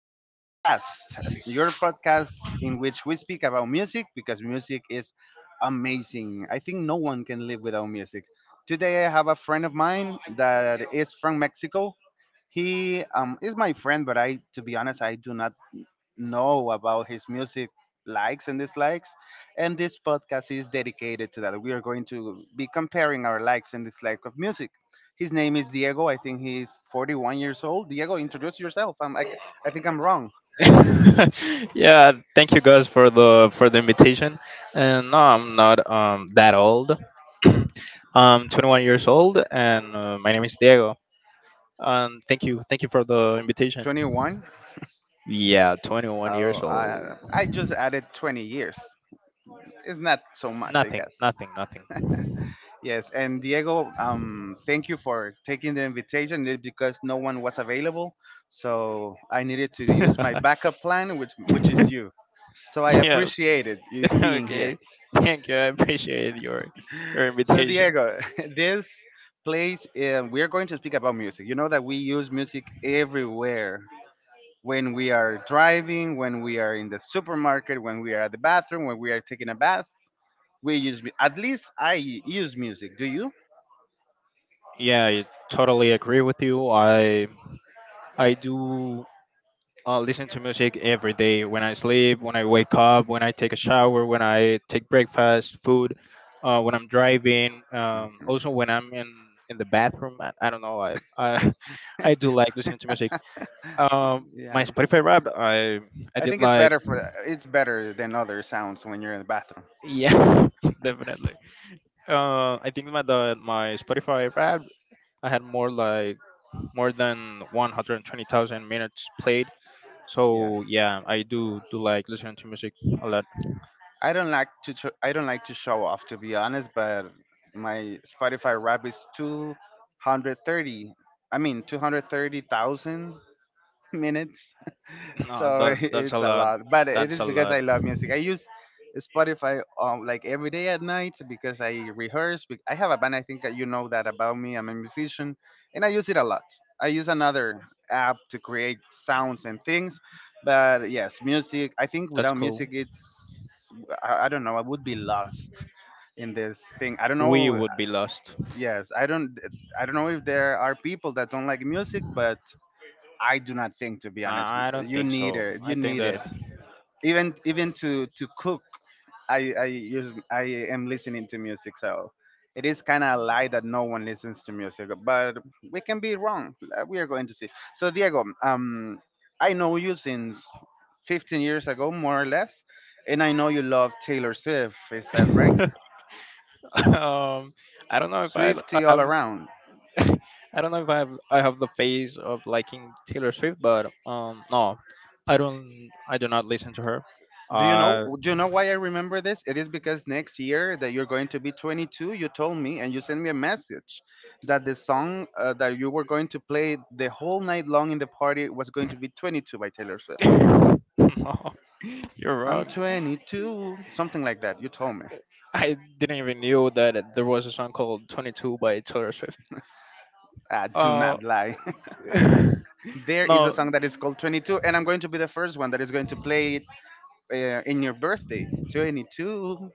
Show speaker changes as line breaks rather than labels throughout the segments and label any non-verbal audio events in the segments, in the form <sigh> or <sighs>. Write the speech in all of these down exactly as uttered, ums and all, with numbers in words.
Music Cast, your podcast in which we speak about music because music is amazing. I think no one can live without music. Today I have a friend of mine that is from Mexico. He um, is my friend, but I, to be honest, I do not know about his music likes and dislikes. And this podcast is dedicated to that. We are going to be comparing our likes and dislikes of music. His name is Diego. I think he's forty-one years old. Diego, introduce yourself. I'm like, I think I'm wrong.
<laughs> Yeah, thank you guys for the for the invitation. And no, I'm not um that old. <clears throat> I'm twenty-one years old, and uh, my name is Diego. And thank you thank you for the invitation.
twenty-one?
Yeah, twenty-one
Oh,
years old.
I, I just added twenty years. It's not so much, I
Nothing,
guess.
nothing, nothing.
Yes, and Diego, um, thank you for taking the invitation eh, because no one was available. So I needed to use my
<laughs>
backup plan, which which is you. So I
Yeah.
appreciate it you
<laughs>
<laughs> being here.
Okay, thank you. I appreciate your your
So
invitation.
Diego, <laughs> this place um, we're going to speak about music. You know that we use music everywhere. When we are driving, when we are in the supermarket, when we are at the bathroom, when we are taking a bath, we use mu- at least I use music. Do you?
Yeah, I totally agree with you. I I do uh, listen to music every day, when I sleep, when I wake up, when I take a shower, when I take breakfast, food, uh, when I'm driving, um,
Mhm.
also when I'm in, in the bathroom. I, I don't know. I, I <laughs> I do like listening to music. Um, my
Yeah.
Spotify rap, I I
I
did
think it's
like.
better for it's better than other sounds when you're in the bathroom.
Yeah, <laughs> definitely. Uh, I think my the, my Spotify rap, I had more like more than one hundred twenty thousand minutes played.
Yeah.
So yeah, I do do like listening to music a lot.
I don't like to sh- I don't like to show off, to be honest, but my Spotify rap is two hundred thirty. I mean two hundred thirty thousand <laughs> minutes,
<clears throat> No,
so
that
<laughs>
that's a
it's a
lot.
lot, but it
That's
is
a
because
lot.
I love music. I use Spotify um, like every day at night because I rehearse bec- I have a band. I think that you know that about me. I'm a musician, and I use it a lot. I use another app to create sounds and things. But yes, music, I think
That's
without
cool.
music it's i, I don't know, I would be lost in this thing, I don't
We
know.
would be lost.
Yes, i don't I don't know if there are people that don't like music, but I do not think, to be honest.
I, I don't
You
think
need
so.
it.
I
You
think
need it.
that...
Even even to to cook, I I use I am listening to music. So it is kind of a lie that no one listens to music, but we can be wrong. Uh, We are going to see. So Diego, um, I know you since fifteen years ago, more or less, and I know you love Taylor Swift. Is that right?
<laughs> um I don't know if I, I
Swifty all
have...
around.
<laughs> I don't know if I have I have the phase of liking Taylor Swift, but um no, I don't I do not listen to her.
Do you know?
Uh
Do you know why I remember this? It is because next year that you're going to be twenty-two. You told me, and you sent me a message that the song uh, that you were going to play the whole night long in the party was going to be twenty-two by Taylor Swift.
<laughs> no, you're
I'm
wrong.
twenty-two, something like that. You told me.
I didn't even knew that there was a song called twenty-two by Taylor Swift.
Ah, do
Uh,
not lie. <laughs>
<laughs>
There is a
no.
song that is called twenty-two, and I'm going to be the first one that is going to play it uh, in your birthday. twenty-two.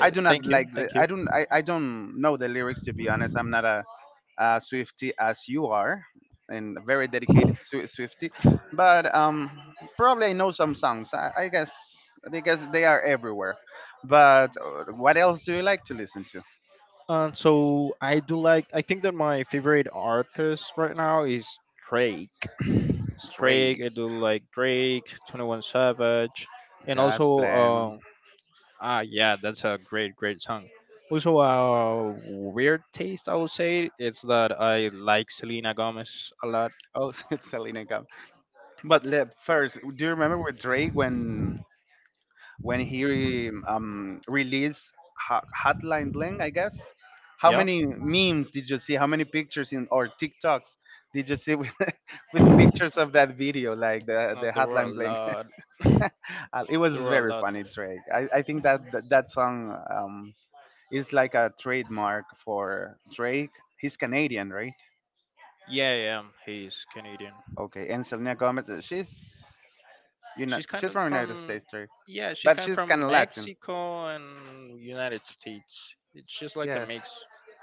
I do not
Thank you.
like the.
Thank you.
I don't. I, I don't know the lyrics, to be honest. I'm not a uh, Swifty as you are, and a very dedicated Swi- Swifty. But um, probably I know some songs. I, I guess, because they are everywhere. But uh, what else do you like to listen to?
And so I do like. I think that my favorite artist right now is Drake. <clears throat> It's Drake. I
Drake,
do like Drake, Twenty One Savage, and also
God's
um.
Plan.
Ah yeah, that's a great great song. Also, a weird taste I would say, is that I like Selena Gomez a lot.
Oh, <laughs> Selena Gomez. But le- first, do you remember with Drake when when he um, released Ho- Hotline Bling, I guess. How
Yeah.
many memes did you see? How many pictures in or TikToks did you see with, <laughs> with pictures of that video, like the
No,
the
there were a
Hotline Bling? <laughs>
lot.
Uh, it
There
was
were a
very
lot.
funny, Drake. I, I think that that, that song um, is like a trademark for Drake. He's Canadian, right?
Yeah, yeah. He's Canadian.
Okay, and Selena Gomez, uh, she's you know
She's kind
she's
of
from United
from
States, Drake,
Yeah, she's
but
kind of
she's kind
from
of Latin.
Mexico and United States. It's just like a
Yes,
mix.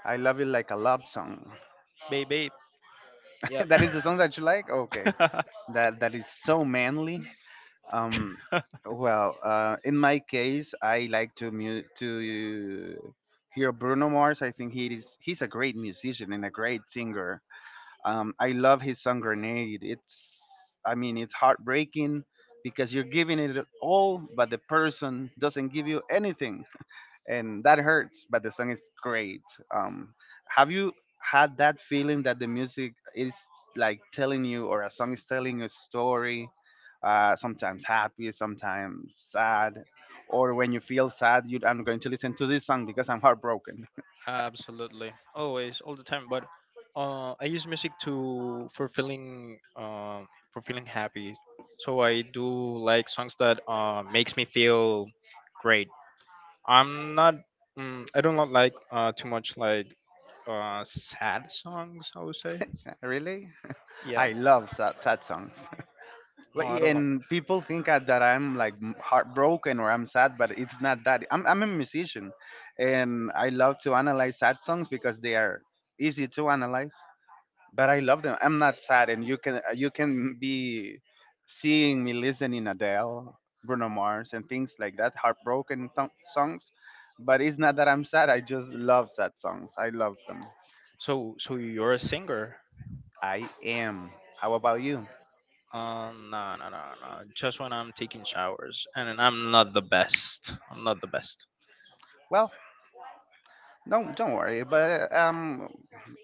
I love you like a love song.
Babe, babe. Yep.
<laughs> That is the song that you like. Okay,
<laughs>
that that is so manly. Um, well, uh, in my case, I like to mu- to hear Bruno Mars. I think he is he's a great musician and a great singer. Um, I love his song Grenade. It's I mean it's heartbreaking because you're giving it all, but the person doesn't give you anything, and that hurts, but the song is great. um have you had that feeling that the music is like telling you, or a song is telling you a story, uh sometimes happy, sometimes sad? Or when you feel sad, you I'm going to listen to this song because I'm heartbroken.
Absolutely. Always, all the time. But uh, I use music to for feeling uh, for feeling happy. So I do like songs that uh, makes me feel great. I'm not. Mm, I don't like uh, too much, like, uh, sad songs, I would say.
<laughs> Really?
Yeah.
I love sad, sad songs.
No,
But-
I don't like.
and people think I- that I'm like m- heartbroken or I'm sad, but it's not that. I'm I'm a musician, and I love to analyze sad songs because they are easy to analyze. But I love them. I'm not sad, and you can uh, you can be seeing me listening Adele, Bruno Mars, and things like that, heartbroken th- songs. But it's not that I'm sad. I just love sad songs. I love them.
So so you're a singer?
I am. How about you?
Uh, no, no, no, no. Just when I'm taking showers, and I'm not the best. I'm not the best.
Well, no, don't worry. But uh, um,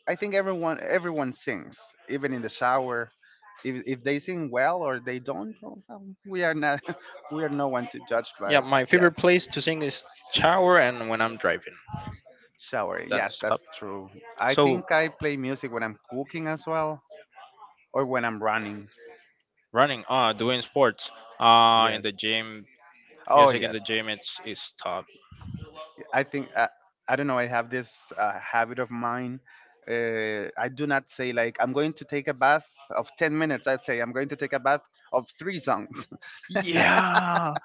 I think everyone everyone sings, even in the shower. If if they sing well or they don't, well, um, we are not <laughs> we are no one to judge.
Yeah,
But uh,
my
yes,
favorite place to sing is shower and when I'm driving.
shower. Yes,
That's top.
that's true. I
So
think I play music when I'm cooking as well, or when I'm running.
running, uh, doing sports, uh, in
Yes.
the gym.
Oh
Music in the
yes.
gym, it's it's top.
I think uh, I don't know. I have this uh, habit of mine. Uh, I do not say like I'm going to take a bath of ten minutes. I say I'm going to take a bath of three songs. <laughs>
Yeah,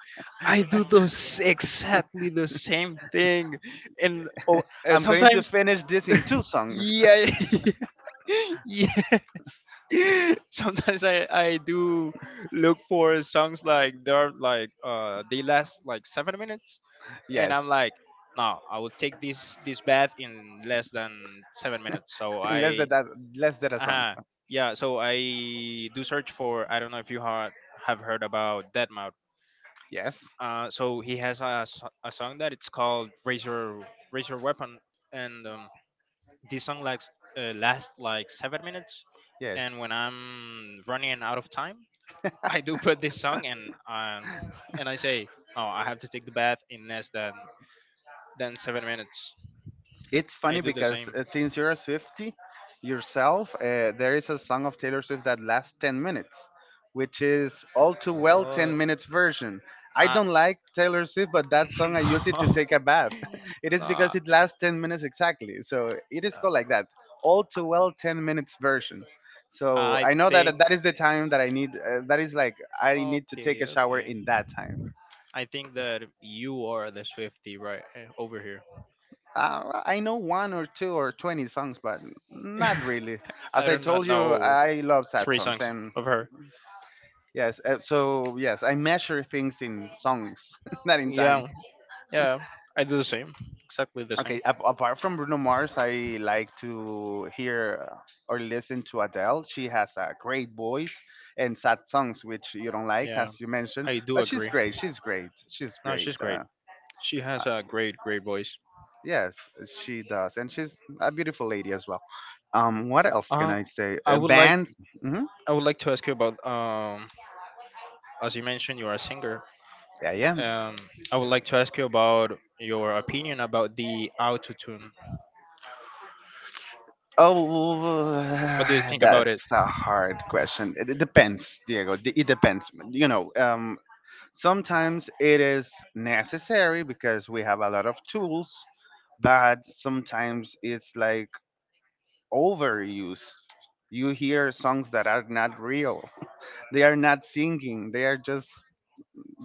I do those exactly the same thing, and oh, uh,
I'm going to
sometimes...
finish this in two
<laughs>
songs.
yeah. <laughs> Yes. <laughs> Sometimes I I do look for songs like they're like uh they last like seven minutes,
<laughs>
and I'm
Yes.
like, no, I will take this this bath in less than seven minutes. So
unless
I...
that, that unless that a song,
uh yeah, so I do search for... I don't know if you heard, have heard about Deadmau Mouth.
yes
Uh, so he has a, s- a song that it's called Razor Razor Weapon, and um, this song likes uh, lasts like seven minutes,
yes.
and when I'm running out of time, <laughs> I do put this song, and um, and I say, oh, I have to take the bath in less than than seven minutes.
It's
I
funny
do the
because
same.
uh, since you're a Swifty yourself, uh, there is a song of Taylor Swift that lasts ten minutes, which is All Too Well
What?
ten minutes version. I
Uh,
don't like Taylor Swift, but that song I use it to take a bath.
<laughs> no.
<laughs> It is
No.
because it lasts ten minutes exactly, so it is called like that, All Too Well ten minutes version. So
Uh, I
I know that
think.
that is the time that I need, uh, that is like I need to take
Okay,
a shower
okay.
in that time.
I think that you are the Swifty, right, eh, over here.
Uh, I know one or two or twenty songs, but not really.
<laughs> I
As
do
I
not
told you,
know
I love sad
three
songs.
songs
And
of her.
yes, uh, so yes, I measure things in songs, <laughs> not in time.
Yeah, yeah. I do the same. Exactly the same.
Okay, ap- apart from Bruno Mars, I like to hear or listen to Adele. She has a great voice and sad songs, which you don't like,
Yeah,
as you mentioned,
I do
but she's
agree.
great. She's great. She's
No,
great.
she's great.
Uh,
She has a great, great voice.
Yes, uh, she does, and she's a beautiful lady as well. Um, what else can
Um,
I say?
I
Uh,
would like,
bands? Hmm.
I would like to ask you about um, as you mentioned, you are a singer.
Yeah, yeah.
Um, I would like to ask you about your opinion about the auto tune.
Oh,
What do you
<sighs>
think about it?
that's a hard question. It, it depends, Diego. D- It depends. You know, um, sometimes it is necessary because we have a lot of tools, but sometimes it's like overused. You hear songs that are not real. <laughs> They are not singing. They are just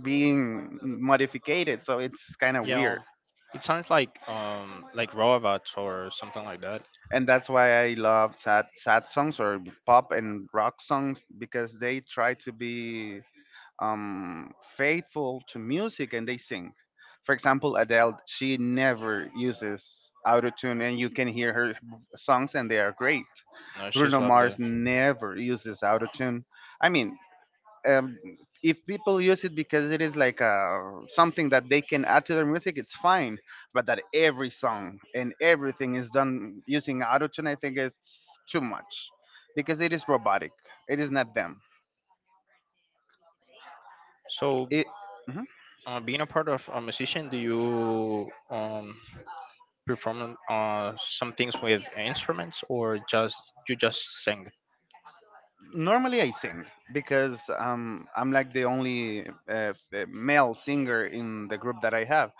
being modified, so it's kind of
Yeah, um,
weird,
it sounds like um like Roavat or something like that.
and that's why I love sad, sad songs, or pop and rock songs, because they try to be um, faithful to music, and they sing. For example, Adele, she never uses auto tune, and you can hear her songs, and they are great.
No, she's
Bruno
lovely.
Mars never uses auto tune. I mean, um, if people use it because it is like a, something that they can add to their music, it's fine. But that every song and everything is done using autotune, I think it's too much, because it is robotic. It is not them.
So,
It. Mhm.
uh, being a part of a musician, do you um perform uh some things with instruments, or just you just sing?
Normally I sing because um, I'm like the only uh, f- uh, male singer in the group that I have.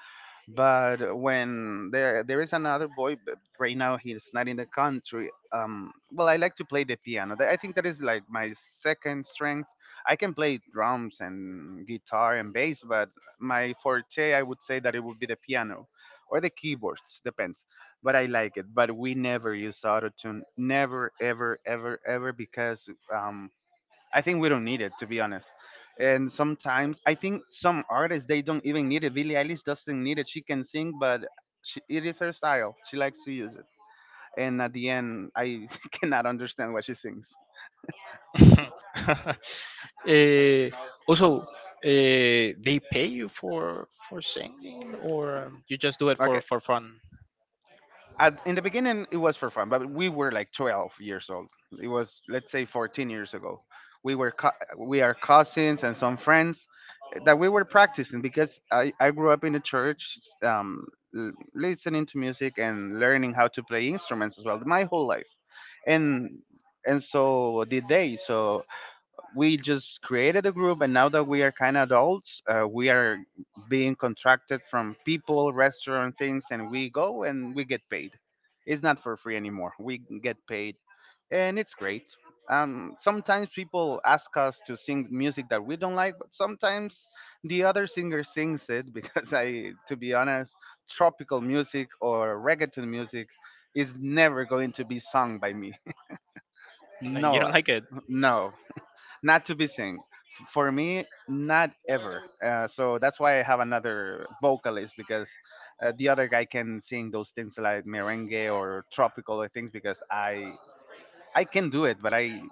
But when there there is another boy, but right now he's not in the country. Um, well, I like to play the piano. That- I think that is like my second strength. I can play drums and guitar and bass, but my forte, I would say that it would be the piano or the keyboards, depends. But I like it. But we never use auto tune, never, ever, ever, ever, because um, I think we don't need it, to be honest. And sometimes I think some artists they don't even need it. Billie Eilish doesn't need it. She can sing, but she, it is her style. She likes to use it. And at the end, I <laughs> cannot understand what she sings.
<laughs> Eh, also, uh, they pay you for for singing, or you just do it for
Okay,
for fun?
at, in the beginning it was for fun, but we were like twelve years old. It was let's say fourteen years ago. We were co- we are cousins and some friends that we were practicing because I, I grew up in the church, um, l- listening to music and learning how to play instruments as well my whole life, and and so did they. So we just created a group, and now that we are kind of adults, uh, we are being contracted from people, restaurant things, and we go and we get paid. It's not for free anymore. We get paid and it's great. Um, sometimes people ask us to sing music that we don't like, but sometimes the other singer sings it <laughs> because I, to be honest, tropical music or reggaeton music is never going to be sung by me. <laughs>
No, you
No,
don't
uh,
like it.
no, not to be seen. F- For me, not ever. Uh, so that's why I have another vocalist, because uh, the other guy can sing those things like merengue or tropical things, because I I can do it, but I,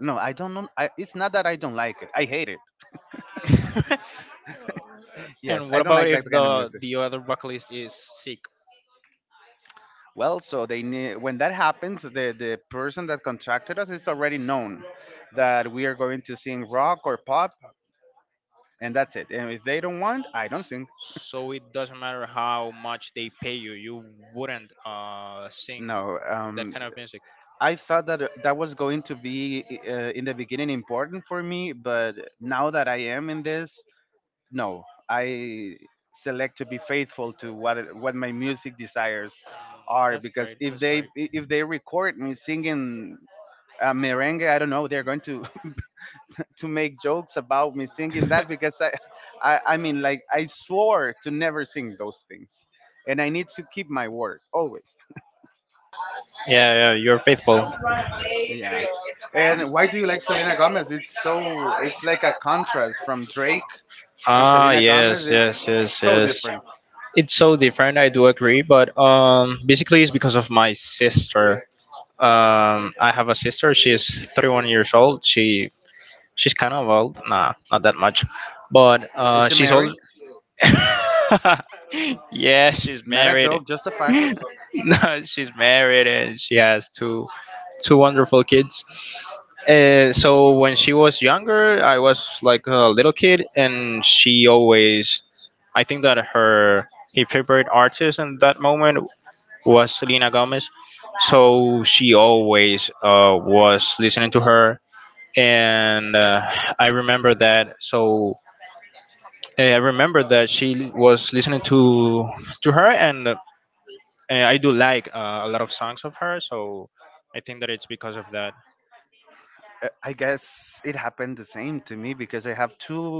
no, I don't know. I, it's not that I don't like it. I hate it.
<laughs>
Yes,
And what
I don't
about
like that
if
kind of
the
music.
the other vocalist is sick?
Well, so they need, when that happens, the the person that contracted us is already known that we are going to sing rock or pop, and that's it. And if they don't want, I don't sing.
So it doesn't matter how much they pay you, you wouldn't uh, sing
No,
that
um,
kind of music.
I thought that uh, that was going to be uh, in the beginning important for me, but now that I am in this, no, I select to be faithful to what what my music desires
Mm,
are,
That's
because
great.
if
That's
they
great.
if
<laughs>
they record me singing, uh, merengue, I don't know, they're going to <laughs> to make jokes about me singing
Yeah,
that, because I, I I mean, like, I swore to never sing those things, and I need to keep my word always.
yeah, you're faithful.
Yeah. And why do you like Selena Gomez? It's so, it's like a contrast from Drake to
Ah,
Selena Gomez.
yes, yes,
It's
yes,
so
yes.
different.
It's so different. I do agree, but um, basically it's because of my sister. Um, I have a sister. She's thirty-one years old. She she's kind of old. Nah, not that much, but
Is
uh,
she
she's
married?
old. <laughs> Yeah, she's
Not a
married.
joke, just a fact.
<laughs>
<laughs>
No, she's married, and she has two two wonderful kids. And so when she was younger, I was like a little kid, and she always. I think that her her favorite artist in that moment was Selena Gomez. So she always uh, was listening to her, and uh, I remember that. So uh, I remember that she was listening to to her, and, uh, I do like uh, a lot of songs of her. So I think that it's because of that.
Uh, I guess it happened the same to me, because I have two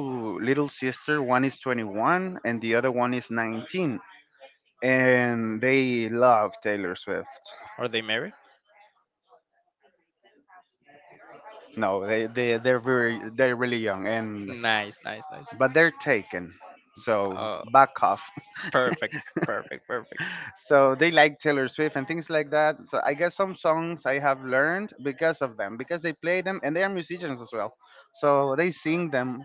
little sisters. One is twenty-one and the other one is nineteen, and they love Taylor Swift.
Are they married?
No, they they they're very, they're really young, and
Nice, nice, nice.
but they're taken. So
Uh,
back off. <laughs>
Perfect, perfect, perfect.
So they like Taylor Swift and things like that. So I guess some songs I have learned because of them, because they play them and they are musicians as well, so they sing them.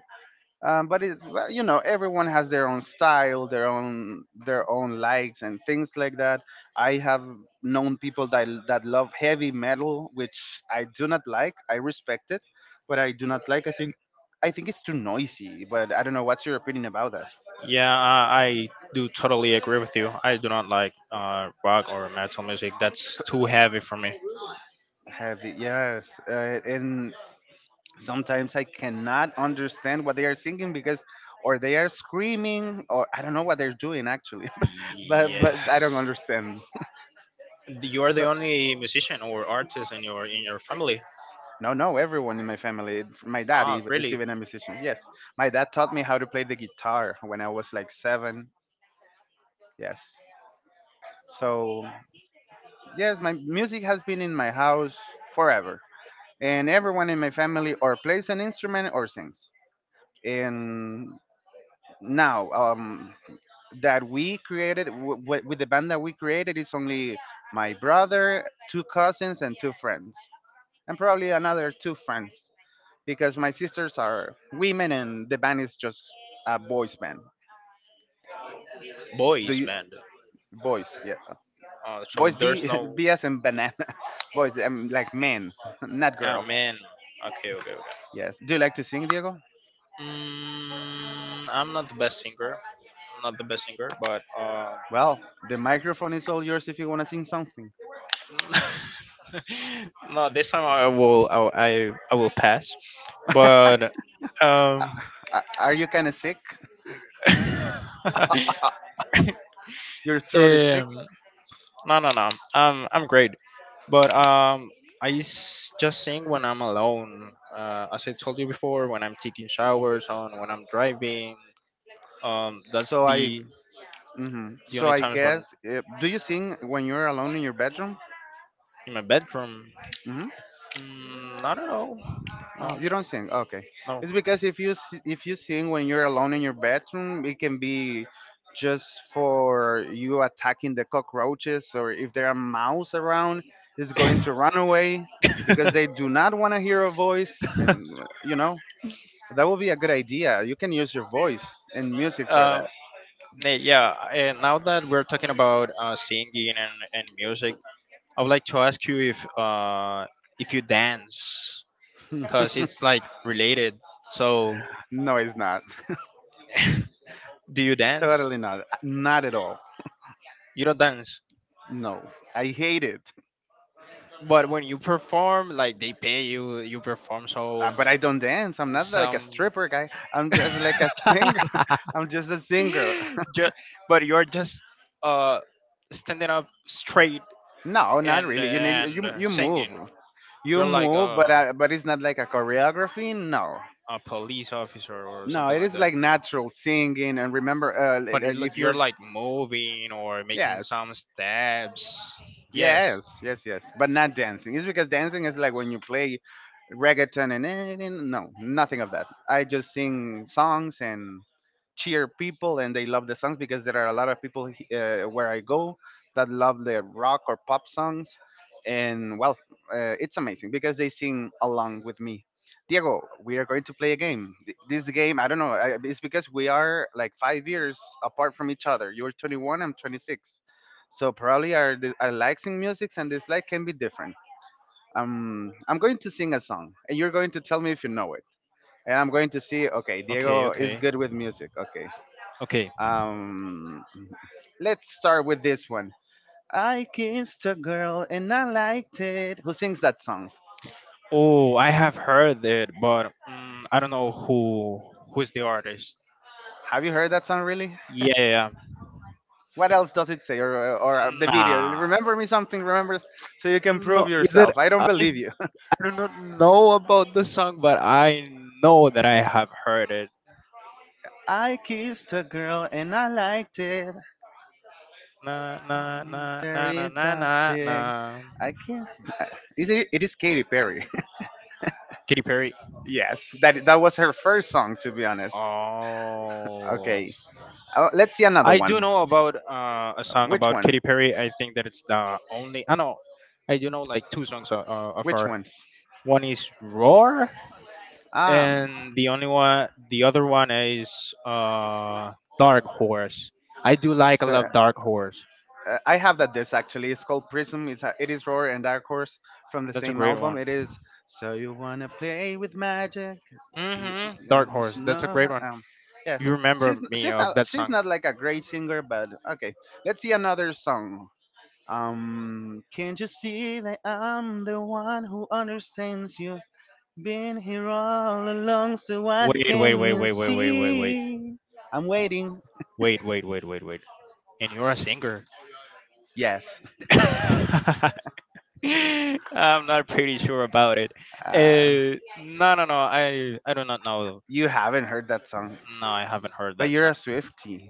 Um, but it's, well, you know, everyone has their own style, their own, their own likes and things like that. I have known people that that love heavy metal, which I do not like. I respect it, but I do not like. I think I think it's too noisy. But I don't know. What's your opinion about that?
Yeah, I, I do totally agree with you. I do not like uh, rock or metal music. That's too heavy for me.
Heavy, yes. Uh, and sometimes I cannot understand what they are singing, because or they are screaming or I don't know what they're doing actually. <laughs> but
Yeah.
but I don't understand,
You are the
so
only musician or artist in your in your family.
no, no, everyone in my family, my dad
Ah,
ev- is
really?
even a musician, yes. My dad taught me how to play the guitar when I was like seven, yes, so yes, my music has been in my house forever, and everyone in my family or plays an instrument or sings. And now, um that we created w- w- with the band that we created is only my brother, two cousins, and two friends, and probably another two friends, because my sisters are women and the band is just a boys band. Do
Boys
you
band.
boys? Yeah,
Oh, so
boys.
there's
B,
no.
<laughs> B as in banana. <laughs> Boys. I'm like men, <laughs> not
Ah,
girls.
man. Okay, okay, okay.
Yes. Do you like to sing, Diego?
Mm, I'm not the best singer. I'm not the best singer, but uh,
Well, the microphone is all yours if you want to sing something.
<laughs> no, this time I will I will- I, I will pass. But um,
A- Are you kind of sick? Your
<laughs>
throat is sick,
um, No, no, no. Um, I'm great, but um, I s- just sing when I'm alone. Uh, as I told you before, when I'm taking showers, on when I'm driving. Um, that's
so I,
the
hmm.
the
So
only
I
times
guess,
when
uh, do you sing when you're alone in your bedroom?
in my bedroom.
Hmm.
Mm, I don't know.
Oh, you don't sing. Okay,
No,
it's because if you s- if you sing when you're alone in your bedroom, it can be just for you attacking the cockroaches, or if there are mouse around, it's going to run away, because they do not want to hear a voice.
no.
And, you know, that would be a good idea. You can use your voice and
<laughs>
music for that.
um, Nate, yeah, and now that we're talking about uh, singing and, and music, I would like to ask you if uh, if you dance, because
<laughs>
it's like related. So...
No, it's not.
<laughs> Do you dance?
Totally not. Not at all.
You don't dance.
No, I hate it.
But when you perform, like they pay you, you perform. So I
Uh,
mean,
but I
like
don't dance. I'm not like a
some.
stripper guy. I'm just like a singer.
<laughs>
<laughs> I'm just a singer.
Just, but you're just uh standing up straight
<laughs> No, not
and
really. You need,
and
you
uh,
you
singing.
move, you
You're like
move, but
a
uh, but it's not like a choreography. No,
a police officer or
no,
something
it
like
is
that.
like natural singing. And remember, uh, li-
But it,
like
look,
if
you're
you're,
like moving or making
yes,
some steps. Yes.
yes, yes, yes, but not dancing. It's because dancing is like when you play reggaeton and eh, eh, eh, no, nothing of that. I just sing songs and cheer people, and they love the songs because there are a lot of people uh, where I go that love the rock or pop songs. And well, uh, it's amazing because they sing along with me. Diego, we are going to play a game. Th- This game, I don't know, I- it's because we are like five years apart from each other. You're twenty-one, I'm twenty-six. So probably our, di- our likes in music and dislike can be different. Um, I'm going to sing a song, and you're going to tell me if you know it. And I'm going to see, okay,
Okay.
Diego is
Okay.
good with music. Okay.
Okay.
Um, let's start with this one. I kissed a girl and I liked it. Who sings that song?
Oh, I have heard it, but mm, I don't know who who's the artist.
Have you heard that song, really?
Yeah,
What else does it say? Or, or the video?
nah.
Remember me something, remember? So you can prove
No, is that
yourself. I don't
I, I
believe you.
do not know about the song, but I know that I have heard it.
<laughs> I kissed a girl and I liked it.
Na na na na na
Very
na na na.
plastic. I can't. Is it, it is Katy Perry.
Katy Perry.
<laughs> Yes, that, that was her first song, to be honest.
Oh,
Okay, uh, let's see another
I do
one.
know about uh, a
Uh,
song
Which
about Katy
one?
Perry. I think that it's the only. I know. I do know like two songs uh, uh, of
Which
her.
ones?
One is Roar,
Um,
and the only one, the other one is uh, Dark Horse. I do like, I
So
love Dark Horse.
uh, I have that disc actually. It's called Prism. It's a, it is Roar and Dark Horse from the
That's a
same
great
album.
one.
It is So You Wanna Play with Magic? You,
hmm
uh,
Dark
you
Horse.
should
That's a
know
great
her.
one.
Um, yes,
You
she's
remember me
she's
of
not
that
she's
song?
not like a great singer, but okay. Let's see another song. Um, can't you see that I'm the one who understands you? Been here all along, so what
Wait, wait,
can
wait,
you
wait, wait, wait, wait, wait,
see? I'm waiting.
wait, wait, wait, wait, wait. And you're a singer.
Yes.
<laughs> I'm not pretty sure about it.
Uh,
Uh, no, no, no. I I do not know.
you haven't heard that song.
No, I haven't heard
But
that
you're a
song.
Swiftie.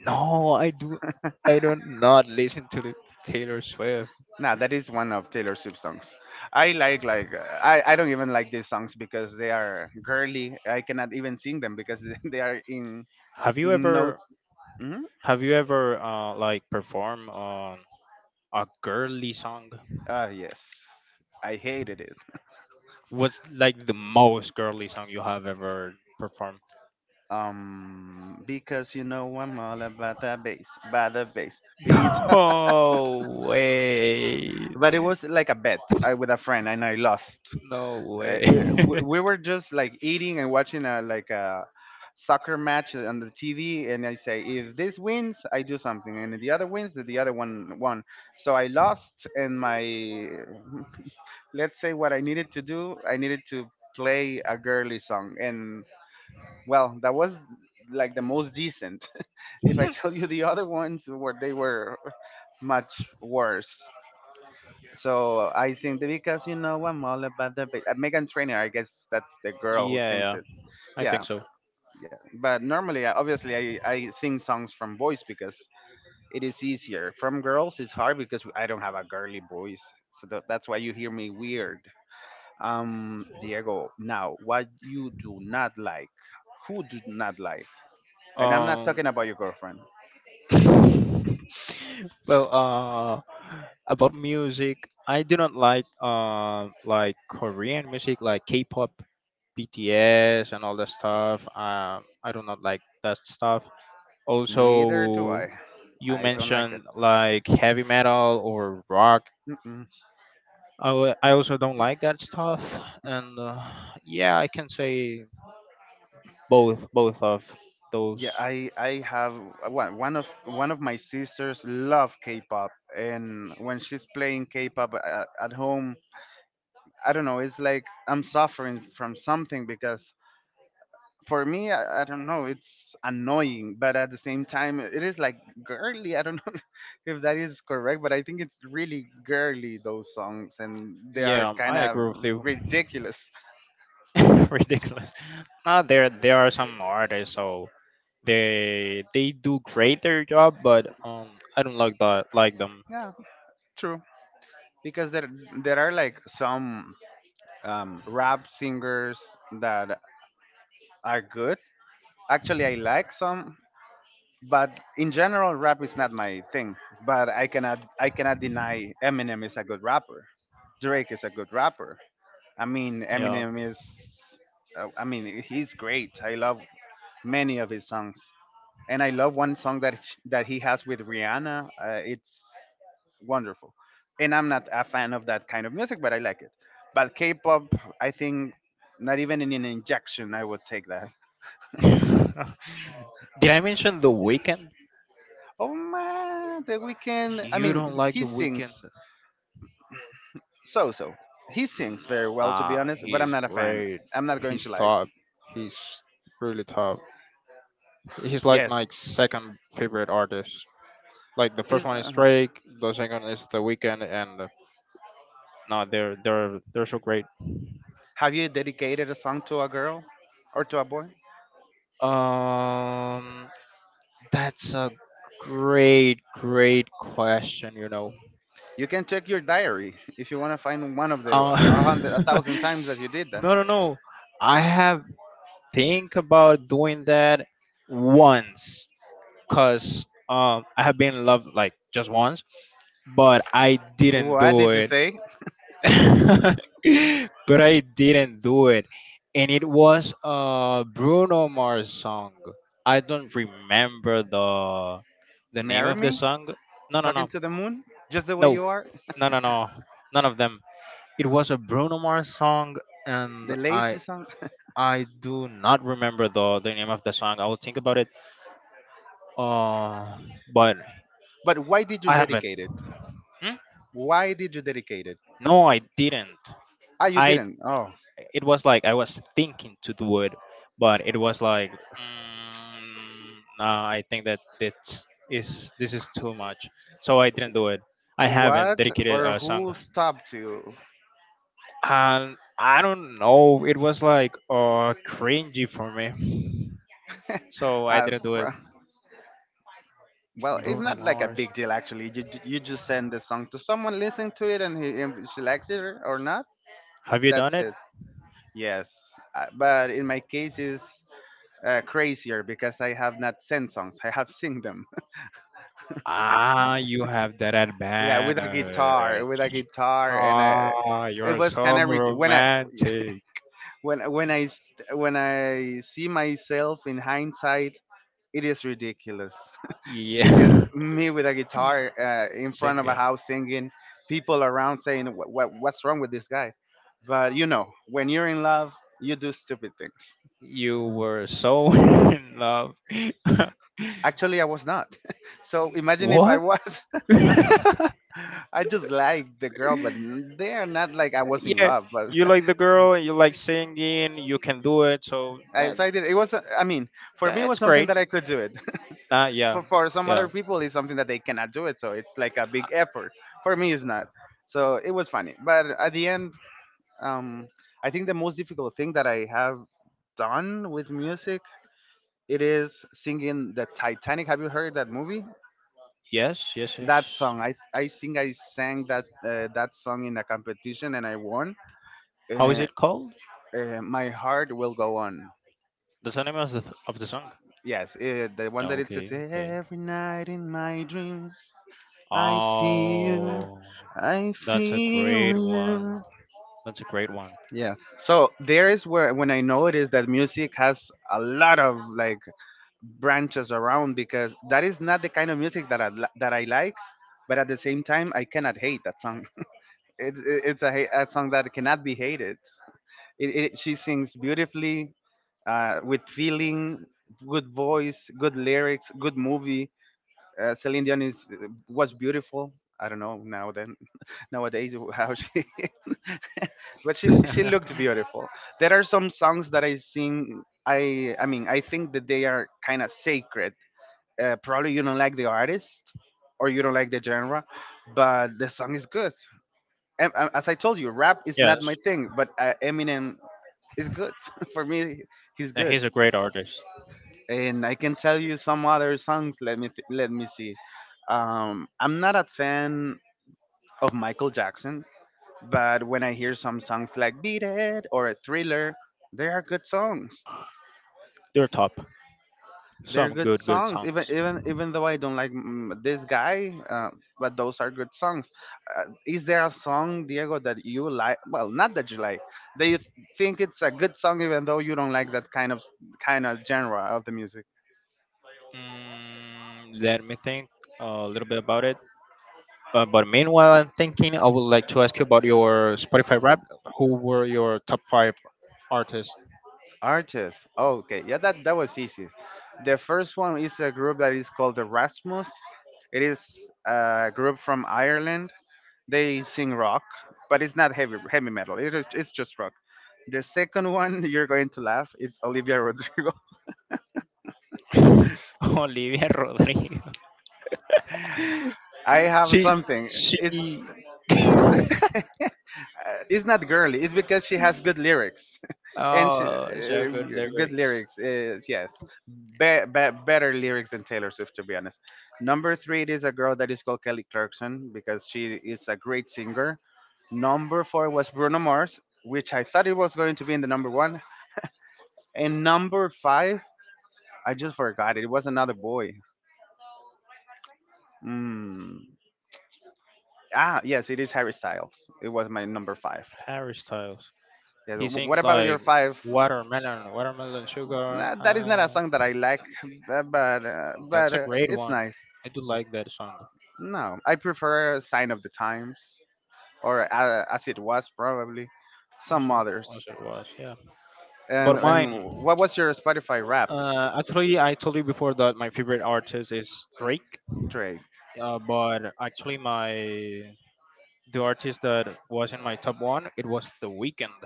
No, I do. I don't not listen to the Taylor Swift.
Nah, that is one of Taylor Swift songs. I like like uh, I, I don't even like these songs because they are girly. I cannot even sing them because <laughs> they are in
Have you
in
ever
notes. Mhm.
have you ever uh like perform on a girly song?
Ah yes, I hated it.
What's like the most girly song you have ever performed?
Um, because, you know, I'm all about the bass, by the bass
<laughs>
beats. <laughs>
No way.
But it was like a bet I, with a friend, and I lost.
No
Uh,
way.
it, we
<laughs>
we were just like eating and watching a, like a soccer match on the T V, and I say if this wins, I do something, and if the other wins, the other one won. So I lost, and my, let's say what I needed to do, I needed to play a girly song, and well, that was like the most decent. <laughs> If I tell you the other ones, were, they were much worse. So I sing the, because you know, I'm all about the ba- uh, Megan Trainor. I guess that's the girl who
Yeah,
sings,
yeah, I think
yeah
so.
yeah, but normally I, obviously I, I sing songs from boys, because it is easier. From girls it's hard, because I don't have a girly voice, so tha- that's why you hear me weird. Um, Diego, now what you do not like, who do not like, and I'm not
Um,
talking about your girlfriend.
<laughs> well, uh, about music, I do not like uh, like Korean music, like K-pop, B T S, and all that stuff. Um, I do not like that stuff.
Neither do
Also,
I.
you
I don't like it.
mentioned like heavy metal or rock.
Mm-mm.
I, wa- I also don't like that stuff, and uh, yeah, I can say both both of
Yeah,
those.
I I have, uh, one, one of one of my sisters love K-pop, and when she's playing K-pop at, at home, I don't know, it's like I'm suffering from something, because for me, I, I don't know, it's annoying, but at the same time, it is like girly. I don't know <laughs> if that is correct, but I think it's really girly, those songs, and they are
Yeah,
kind
I
of
agree with you.
ridiculous.
<laughs> Ridiculous. No, there there are some artists, so they they do great their job, but um, I don't like that like them.
Yeah, true. Because there there are like some um, rap singers that are good. Actually, I like some, but in general, rap is not my thing. But I cannot I cannot deny Eminem is a good rapper. Drake is a good rapper. I mean,
Yeah.
Eminem is, uh, I mean, he's great. I love many of his songs, and I love one song that sh- that he has with Rihanna. Uh, it's wonderful, and I'm not a fan of that kind of music, but I like it. But K-pop, I think, not even in an injection I would take that.
<laughs> Did I mention the weekend?
Oh man, The Weeknd. I
You
mean,
don't
he
like
he
the weekend?
sings so so. He sings very well, to be
Nah,
honest, but I'm
he's
not a fan.
great.
I'm not going to
He's
lie.
top. He's really top. He's like my
Yes,
second favorite artist. Like the first
he's.
one is
Uh,
Drake, the second is The Weeknd, and uh, no, they're they're they're so great.
have you dedicated a song to a girl or to a boy?
Um, that's a great great question. You know,
You can check your diary <laughs> if you want to find one of the
uh,
a hundred, a
<laughs>
thousand times that you did that.
no, no, no, I have think about doing that once, cause um I have been in love like just once, but I didn't
What
do
did you
it.
say?
<laughs> But I didn't do it. And it was a Bruno Mars song. I don't remember the the name
Marry
of the
me?
song. No, no,
Talking
no,
to the moon? Just the way
no,
you are?
no, no, no, none of them. It was a Bruno Mars song, and
The lazy
I
song?
I do not remember the the name of the song. I will think about it. Uh, but
<laughs> But why did you
I haven't.
dedicate it?
Hmm?
Why did you dedicate it?
No, I didn't.
Ah, you
I.
didn't. Oh.
It was like I was thinking to do it, but it was like, mm, nah, I think that this is this is too much, so I didn't do it. I haven't
What
dedicated
or
a song,
who stopped you?
and I don't know, it was like uh cringy for me,
<laughs>
so I
uh,
didn't do it.
fr- Well, it's
Bruno
not like a
Mars,
big deal actually. You ju- you just send the song to someone, listen to it, and he, if she likes it or or not,
have you done
that's
it?
it. Yes, uh, but in my case, it's uh, crazier because I have not sent songs. I have sing them.
Ah, you have that
<laughs> Yeah, with a guitar, with a
advantage.
guitar, and I.
Ah,
It
you're
was
so
kind of re- when I
romantic.
<laughs> when when I s- when I see myself in hindsight, it is ridiculous. Because
Yeah.
me with a guitar uh,
<laughs>
in front of a
Singing.
house singing, people around saying, what, what, What's wrong with this guy? But you know, when you're in love, you do stupid things.
You were so <laughs> in love. <laughs>
Actually, I was not. <laughs> So imagine if I
What?
was. <laughs>
<laughs>
No, I just liked the girl, but n- they are not like I was in
Yeah,
love. But
you like the girl, you like singing, you can do it, so
<laughs> I,
that,
so I did. It was, uh, I mean, for me, it
that's
was something
great.
that I could do it.
Ah,
<laughs>
yeah,
for, for some other
yeah.
people, it's something that they cannot do it. So it's like a big effort. For me, it's not. So it was funny. But at the end, um, I think the most difficult thing that I have done with music it is singing the Titanic. Have you heard that movie?
Yes, yes,
That
yes.
song. I I think I sang that uh, that song in a competition and I won.
How is
Uh,
it called?
uh, my heart will go on.
The name of the, of the song.
Yes, uh, the one
Oh,
that it says
okay, okay.
every night in my dreams I see you,
Oh,
I
that's a
feel
great one.
you.
That's a great one.
Yeah. So there is where when I noticed that music has a lot of like branches around because that is not the kind of music that I li- that I like. But at the same time, I cannot hate that song. <laughs> it, it, it's a, ha- a song that cannot be hated. It, it, she sings beautifully, uh, with feeling, good voice, good lyrics, good movie. Uh, Celine Dion is was beautiful. I don't know now then <laughs> nowadays how she, <laughs> but she she looked
<laughs>
beautiful. There are some songs that I sing. I I mean I think that they are kind of sacred, uh, probably you don't like the artist or you don't like the genre, but the song is good. And, uh, as I told you, rap is not my
Yes,
thing, but uh, Eminem is good <laughs> for me. He's
and
good,
he's a great artist.
and I can tell you some other songs. Let me th- let me see. Um, I'm not a fan of Michael Jackson, but when I hear some songs like "Beat It" or "Thriller," they are good songs.
They're top.
They're
Some
good
good, good
songs. Even
songs.
even even though I don't like mm, this guy, uh, but those are good songs. Uh, is there a song, Diego, that you like? Well, not that you like. That you th- think it's a good song, even though you don't like that kind of kind of genre of the music.
Mm, let me think a little bit about it. Uh, but meanwhile, I'm thinking I would like to ask you about your Spotify rap. Who were your top five artists?
Artists. Oh, okay. Yeah, that that was easy. The first one is a group that is called Erasmus. It is a group from Ireland. They sing rock, but it's not heavy heavy metal. It is it's just rock. The second one <laughs> you're going to laugh. It's Olivia Rodrigo.
<laughs> Olivia Rodrigo.
<laughs> I have
She
something. It's
she.
<laughs>
<laughs>
It's not girly. It's because she has good lyrics <laughs> and she,
Oh, so
uh,
good
good
lyrics.
lyrics. Uh, yes, be, be, better lyrics than Taylor Swift, to be honest. Number three, it is a girl that is called Kelly Clarkson because she is a great singer. Number four was Bruno Mars, which I thought it was going to be in the number one. And number five, I just forgot it. It was another boy. Mm. Ah, yes, it is Harry Styles. It was my number five.
Harry Styles.
Yeah,
He
wh- what
sings
about your
like
five?
watermelon, watermelon sugar.
Nah, that is not a
Uh,
song that I like, uh, but uh, but
that's a
uh,
great
it's
one.
nice.
I do like that song.
No, I prefer "Sign of the Times" or uh, "As It Was" probably,
As
some
it, as
others.
it was, yeah.
And
But
and
mine,
what was your Spotify Wrapped,
uh, actually, I told you before that my favorite artist is Drake.
Drake?
Uh, but actually, my the artist that was in my top one, it was The Weeknd.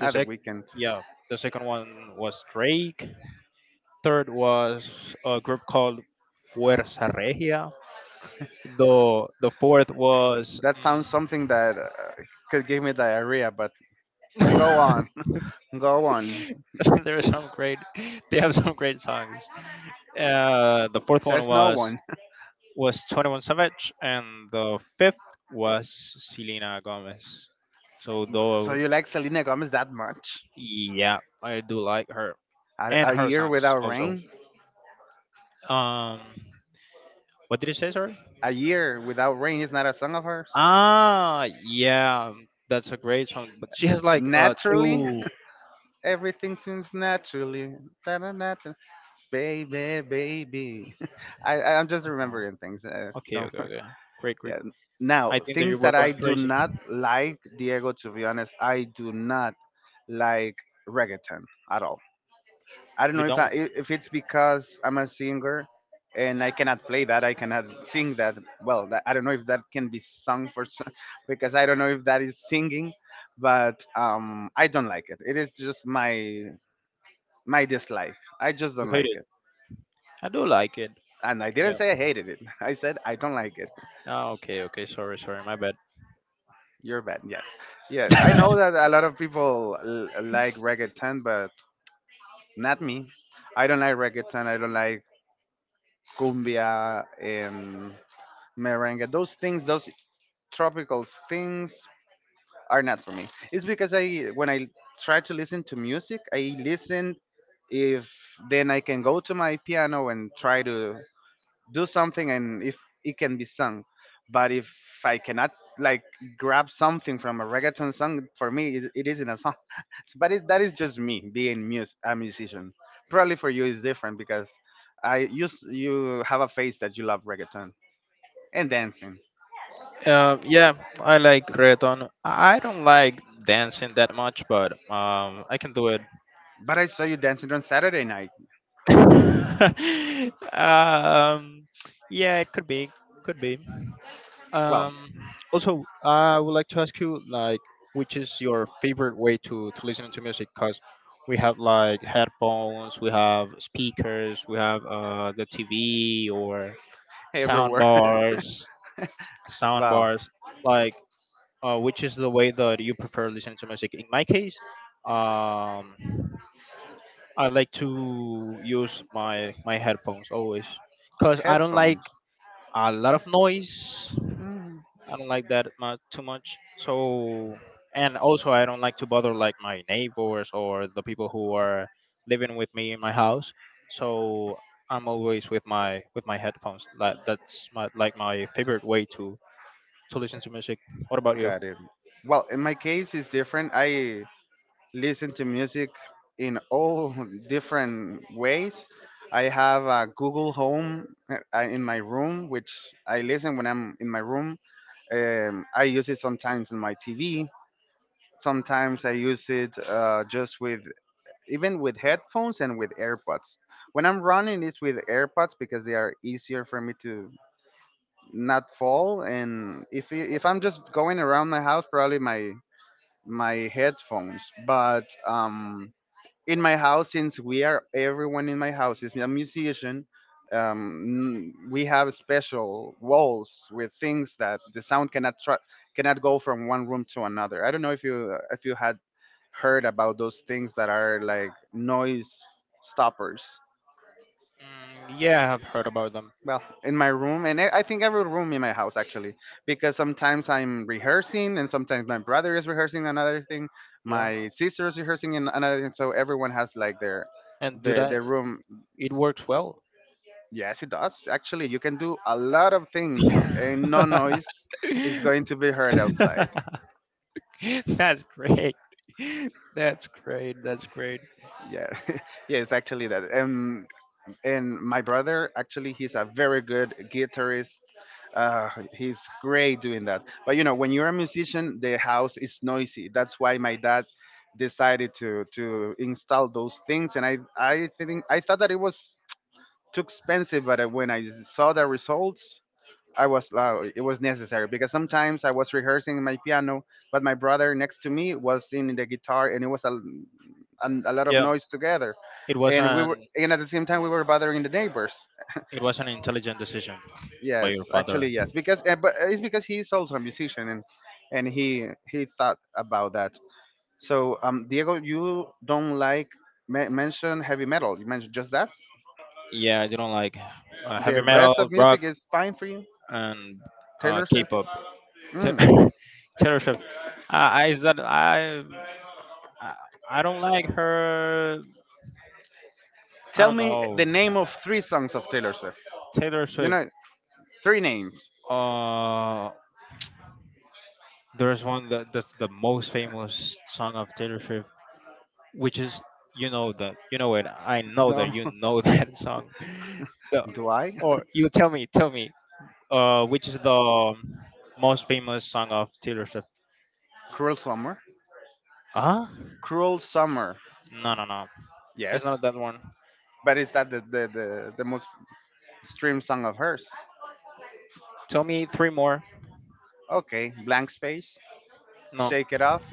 The
Ah, The
sec,
Weekend.
yeah, the second one was Drake. Third was a group called Fuerza Regia. The the fourth was
That sounds something that uh, could give me diarrhea, but go on,
mm,
<laughs> go on.
<laughs> there are some great they have some great songs. Uh, the fourth one
Says no
was
one. <laughs>
was Twenty One Savage, and the fifth was Selena Gomez. So
So
though,
you like Selena Gomez that much?
yeah, I do like her
A,
and
a
her
year
songs
without
also.
rain?
Um, what did you say? Sorry.
A year without rain is not a song of hers.
Ah, yeah, that's a great song. But she has like uh
Naturally,
two.
<laughs> everything seems naturally. Da-da-da-da. Baby, baby. <laughs> I, I'm just
Oh,
remembering things. Uh,
okay,
don't,
okay, okay. Great,
<laughs>
great.
yeah. Now,
I think that you
things
were
that I
going
do
crazy.
not like, Diego, to be honest, I do not like reggaeton at all. I don't
You
know if I,
don't.
if it's because I'm a singer and I cannot play that. I cannot sing that. Well, that, I don't know if that can be sung for s- <laughs> because I don't know if that is singing, but um, I don't like it. It is just my my dislike. I just
You
don't
hate
like
it.
it.
I do like it.
And I
Yeah.
didn't say I hated it. <laughs> I said I don't like it.
Ah, okay, okay. Sorry, sorry. My bad.
You're bad. Yes. Yes. I know that a lot of people l- like reggaeton, but not me. I don't like reggaeton. I don't like cumbia and merengue, those things, those tropical things are not for me. It's because I, when I try to listen to music, I listen, if then I can go to my piano and try to do something, and if it can be sung, but if I cannot like grab something from a reggaeton song, for me it, it isn't a song. <laughs> So, but it, that is just me being mus- a musician, probably for you is different because i you s- you have a face that you love reggaeton and dancing.
Uh, yeah, I like reggaeton. I don't like dancing that much, but um, I can do it.
But I saw you dancing on Saturday night.
<laughs> um, yeah, it could be, could be.
Well,
Um, Also, I would like to ask you, like, which is your favorite way to, to listen to music? Because we have like headphones, we have speakers, we have uh, the T V or sound
everywhere.
bars,
<laughs>
sound
Well,
bars. Like, uh, which is the way that you prefer listening to music? In my case, um, I like to use my my headphones always, because I don't like
headphones.
a lot of noise
Hmm.
I don't like that much too much. So and also I don't like to bother like my neighbors or the people who are living with me in my house. So I'm always with my with my headphones. That that's my like my favorite way to to listen to music. What about you?
Got it. Well, in my case, it's different. I listen to music in all <laughs> different ways. I have a Google Home uh, uh, in my room, which I listen when I'm in my room. Um, I use it sometimes in my T V. Sometimes I use it uh, just with even with headphones and with AirPods. When I'm running, it's with AirPods because they are easier for me to not fall. And if i- if I'm just going around my house, probably my my headphones. But um, in my house, since we are everyone in my house is a musician, um n- we have special walls with things that the sound cannot tra- cannot go from one room to another. I don't know if you if you had heard about those things that are like noise stoppers.
Mm, yeah, I've heard about them.
Well, in my room, and i I think every room in my house actually, because sometimes I'm rehearsing and sometimes my brother is rehearsing another thing,
Yeah,
my sister is rehearsing in another thing, so everyone has like their
and do
the
that.
the room.
It works well.
Yes, it does. Actually, you can do a lot of things,
<laughs>
and no noise is going to be heard outside.
That's great. <laughs> That's great. That's great.
Yeah, <laughs> yeah, it's actually that. Um, and my brother, actually, he's a very good guitarist. Uh, he's great doing that. But you know, when you're a musician, the house is noisy. That's why my dad decided to to install those things. And I I think I thought that it was too expensive, but uh, when I saw the results, I was loud. It was necessary because sometimes I was rehearsing my piano, but my brother next to me was in the guitar, and it was a, a, a lot of
Yeah,
noise together.
it was
And we were,
an
and at the same time, we were bothering the neighbors.
It was an intelligent decision by your
Yes,
father.
actually, yes, because uh, but it's because he is also a musician, and and he he thought about that. So, um, Diego, you don't like me- mention heavy metal. You mentioned just that.
Yeah, I didn't like uh, heavy
The rest
metal,
of
rock,
music is fine for you.
and uh,
Taylor Swift.
K-pop. Ter-
Mm.
<laughs> Taylor Swift. I. I is that I? I I don't like her. I
Tell
don't
me
know.
the name of three songs of Taylor Swift.
Taylor
You
Swift.
know, three names.
Uh, there's one that, that's the most famous song of Taylor Swift, which is you know that you know it. I know that
No,
you know <laughs> that song. The,
<laughs> do I?
or you tell me, tell me. Uh, which is the most famous song of Taylor Swift.
Cruel Summer.
Ah?
Cruel Summer.
No, no, no. It's not
Yes,
that one.
but is that the the the, the most streamed song of hers?
Tell me three more.
Okay, Blank Space.
No.
Shake It Off.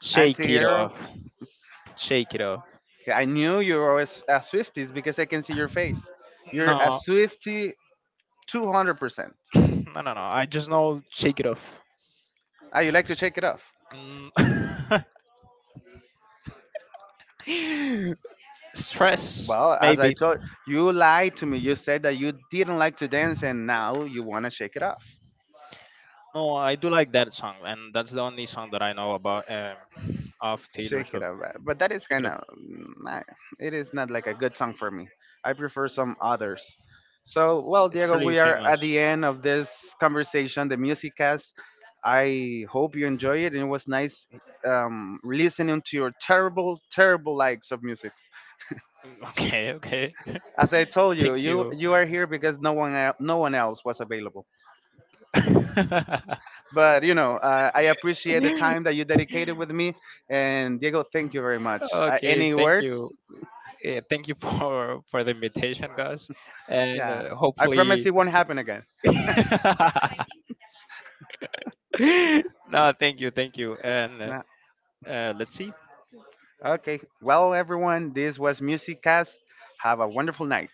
Shake it
Antihero.
off. Shake it off.
Yeah, I knew you were always a Swifties because I can see your face. You're
No.
a
<laughs>
Swifty two hundred percent.
<clears throat> No, no, no. I just know shake it off.
Ah, you like to shake it off.
Mm. <laughs> Stress,
Well, as I
maybe.
told you, lied to me. You said that you didn't like to dance and now you want to shake it off.
No, I do like that song, and that's the only song that I know about um, of Taylor
Shake it
Swift.
up. uh, But that is
Shake it
kind
off.
of, it is not like a good song for me. I prefer some others. So, well,
It's
Diego,
really
we are
famous.
at the end of this conversation, the music cast. I hope you enjoy it, and it was nice um, listening to your terrible, terrible likes of music.
Mm, okay, okay.
As I told
<laughs>
you,
Thank
you
you.
you are here because no one el- no one else was available.
<laughs>
But you know, uh, I appreciate the time that you dedicated with me. And Diego, thank you very much. Uh,
Okay,
any
thank
words?
you. Yeah, thank you <laughs> for for the invitation, guys, and
Yeah.
uh,
I promise
hopefully.
it won't happen again.
<laughs> No, thank you, thank you, and uh,
No.
uh, let's see.
Okay. Well, everyone, this was Musiccast. Have a wonderful night.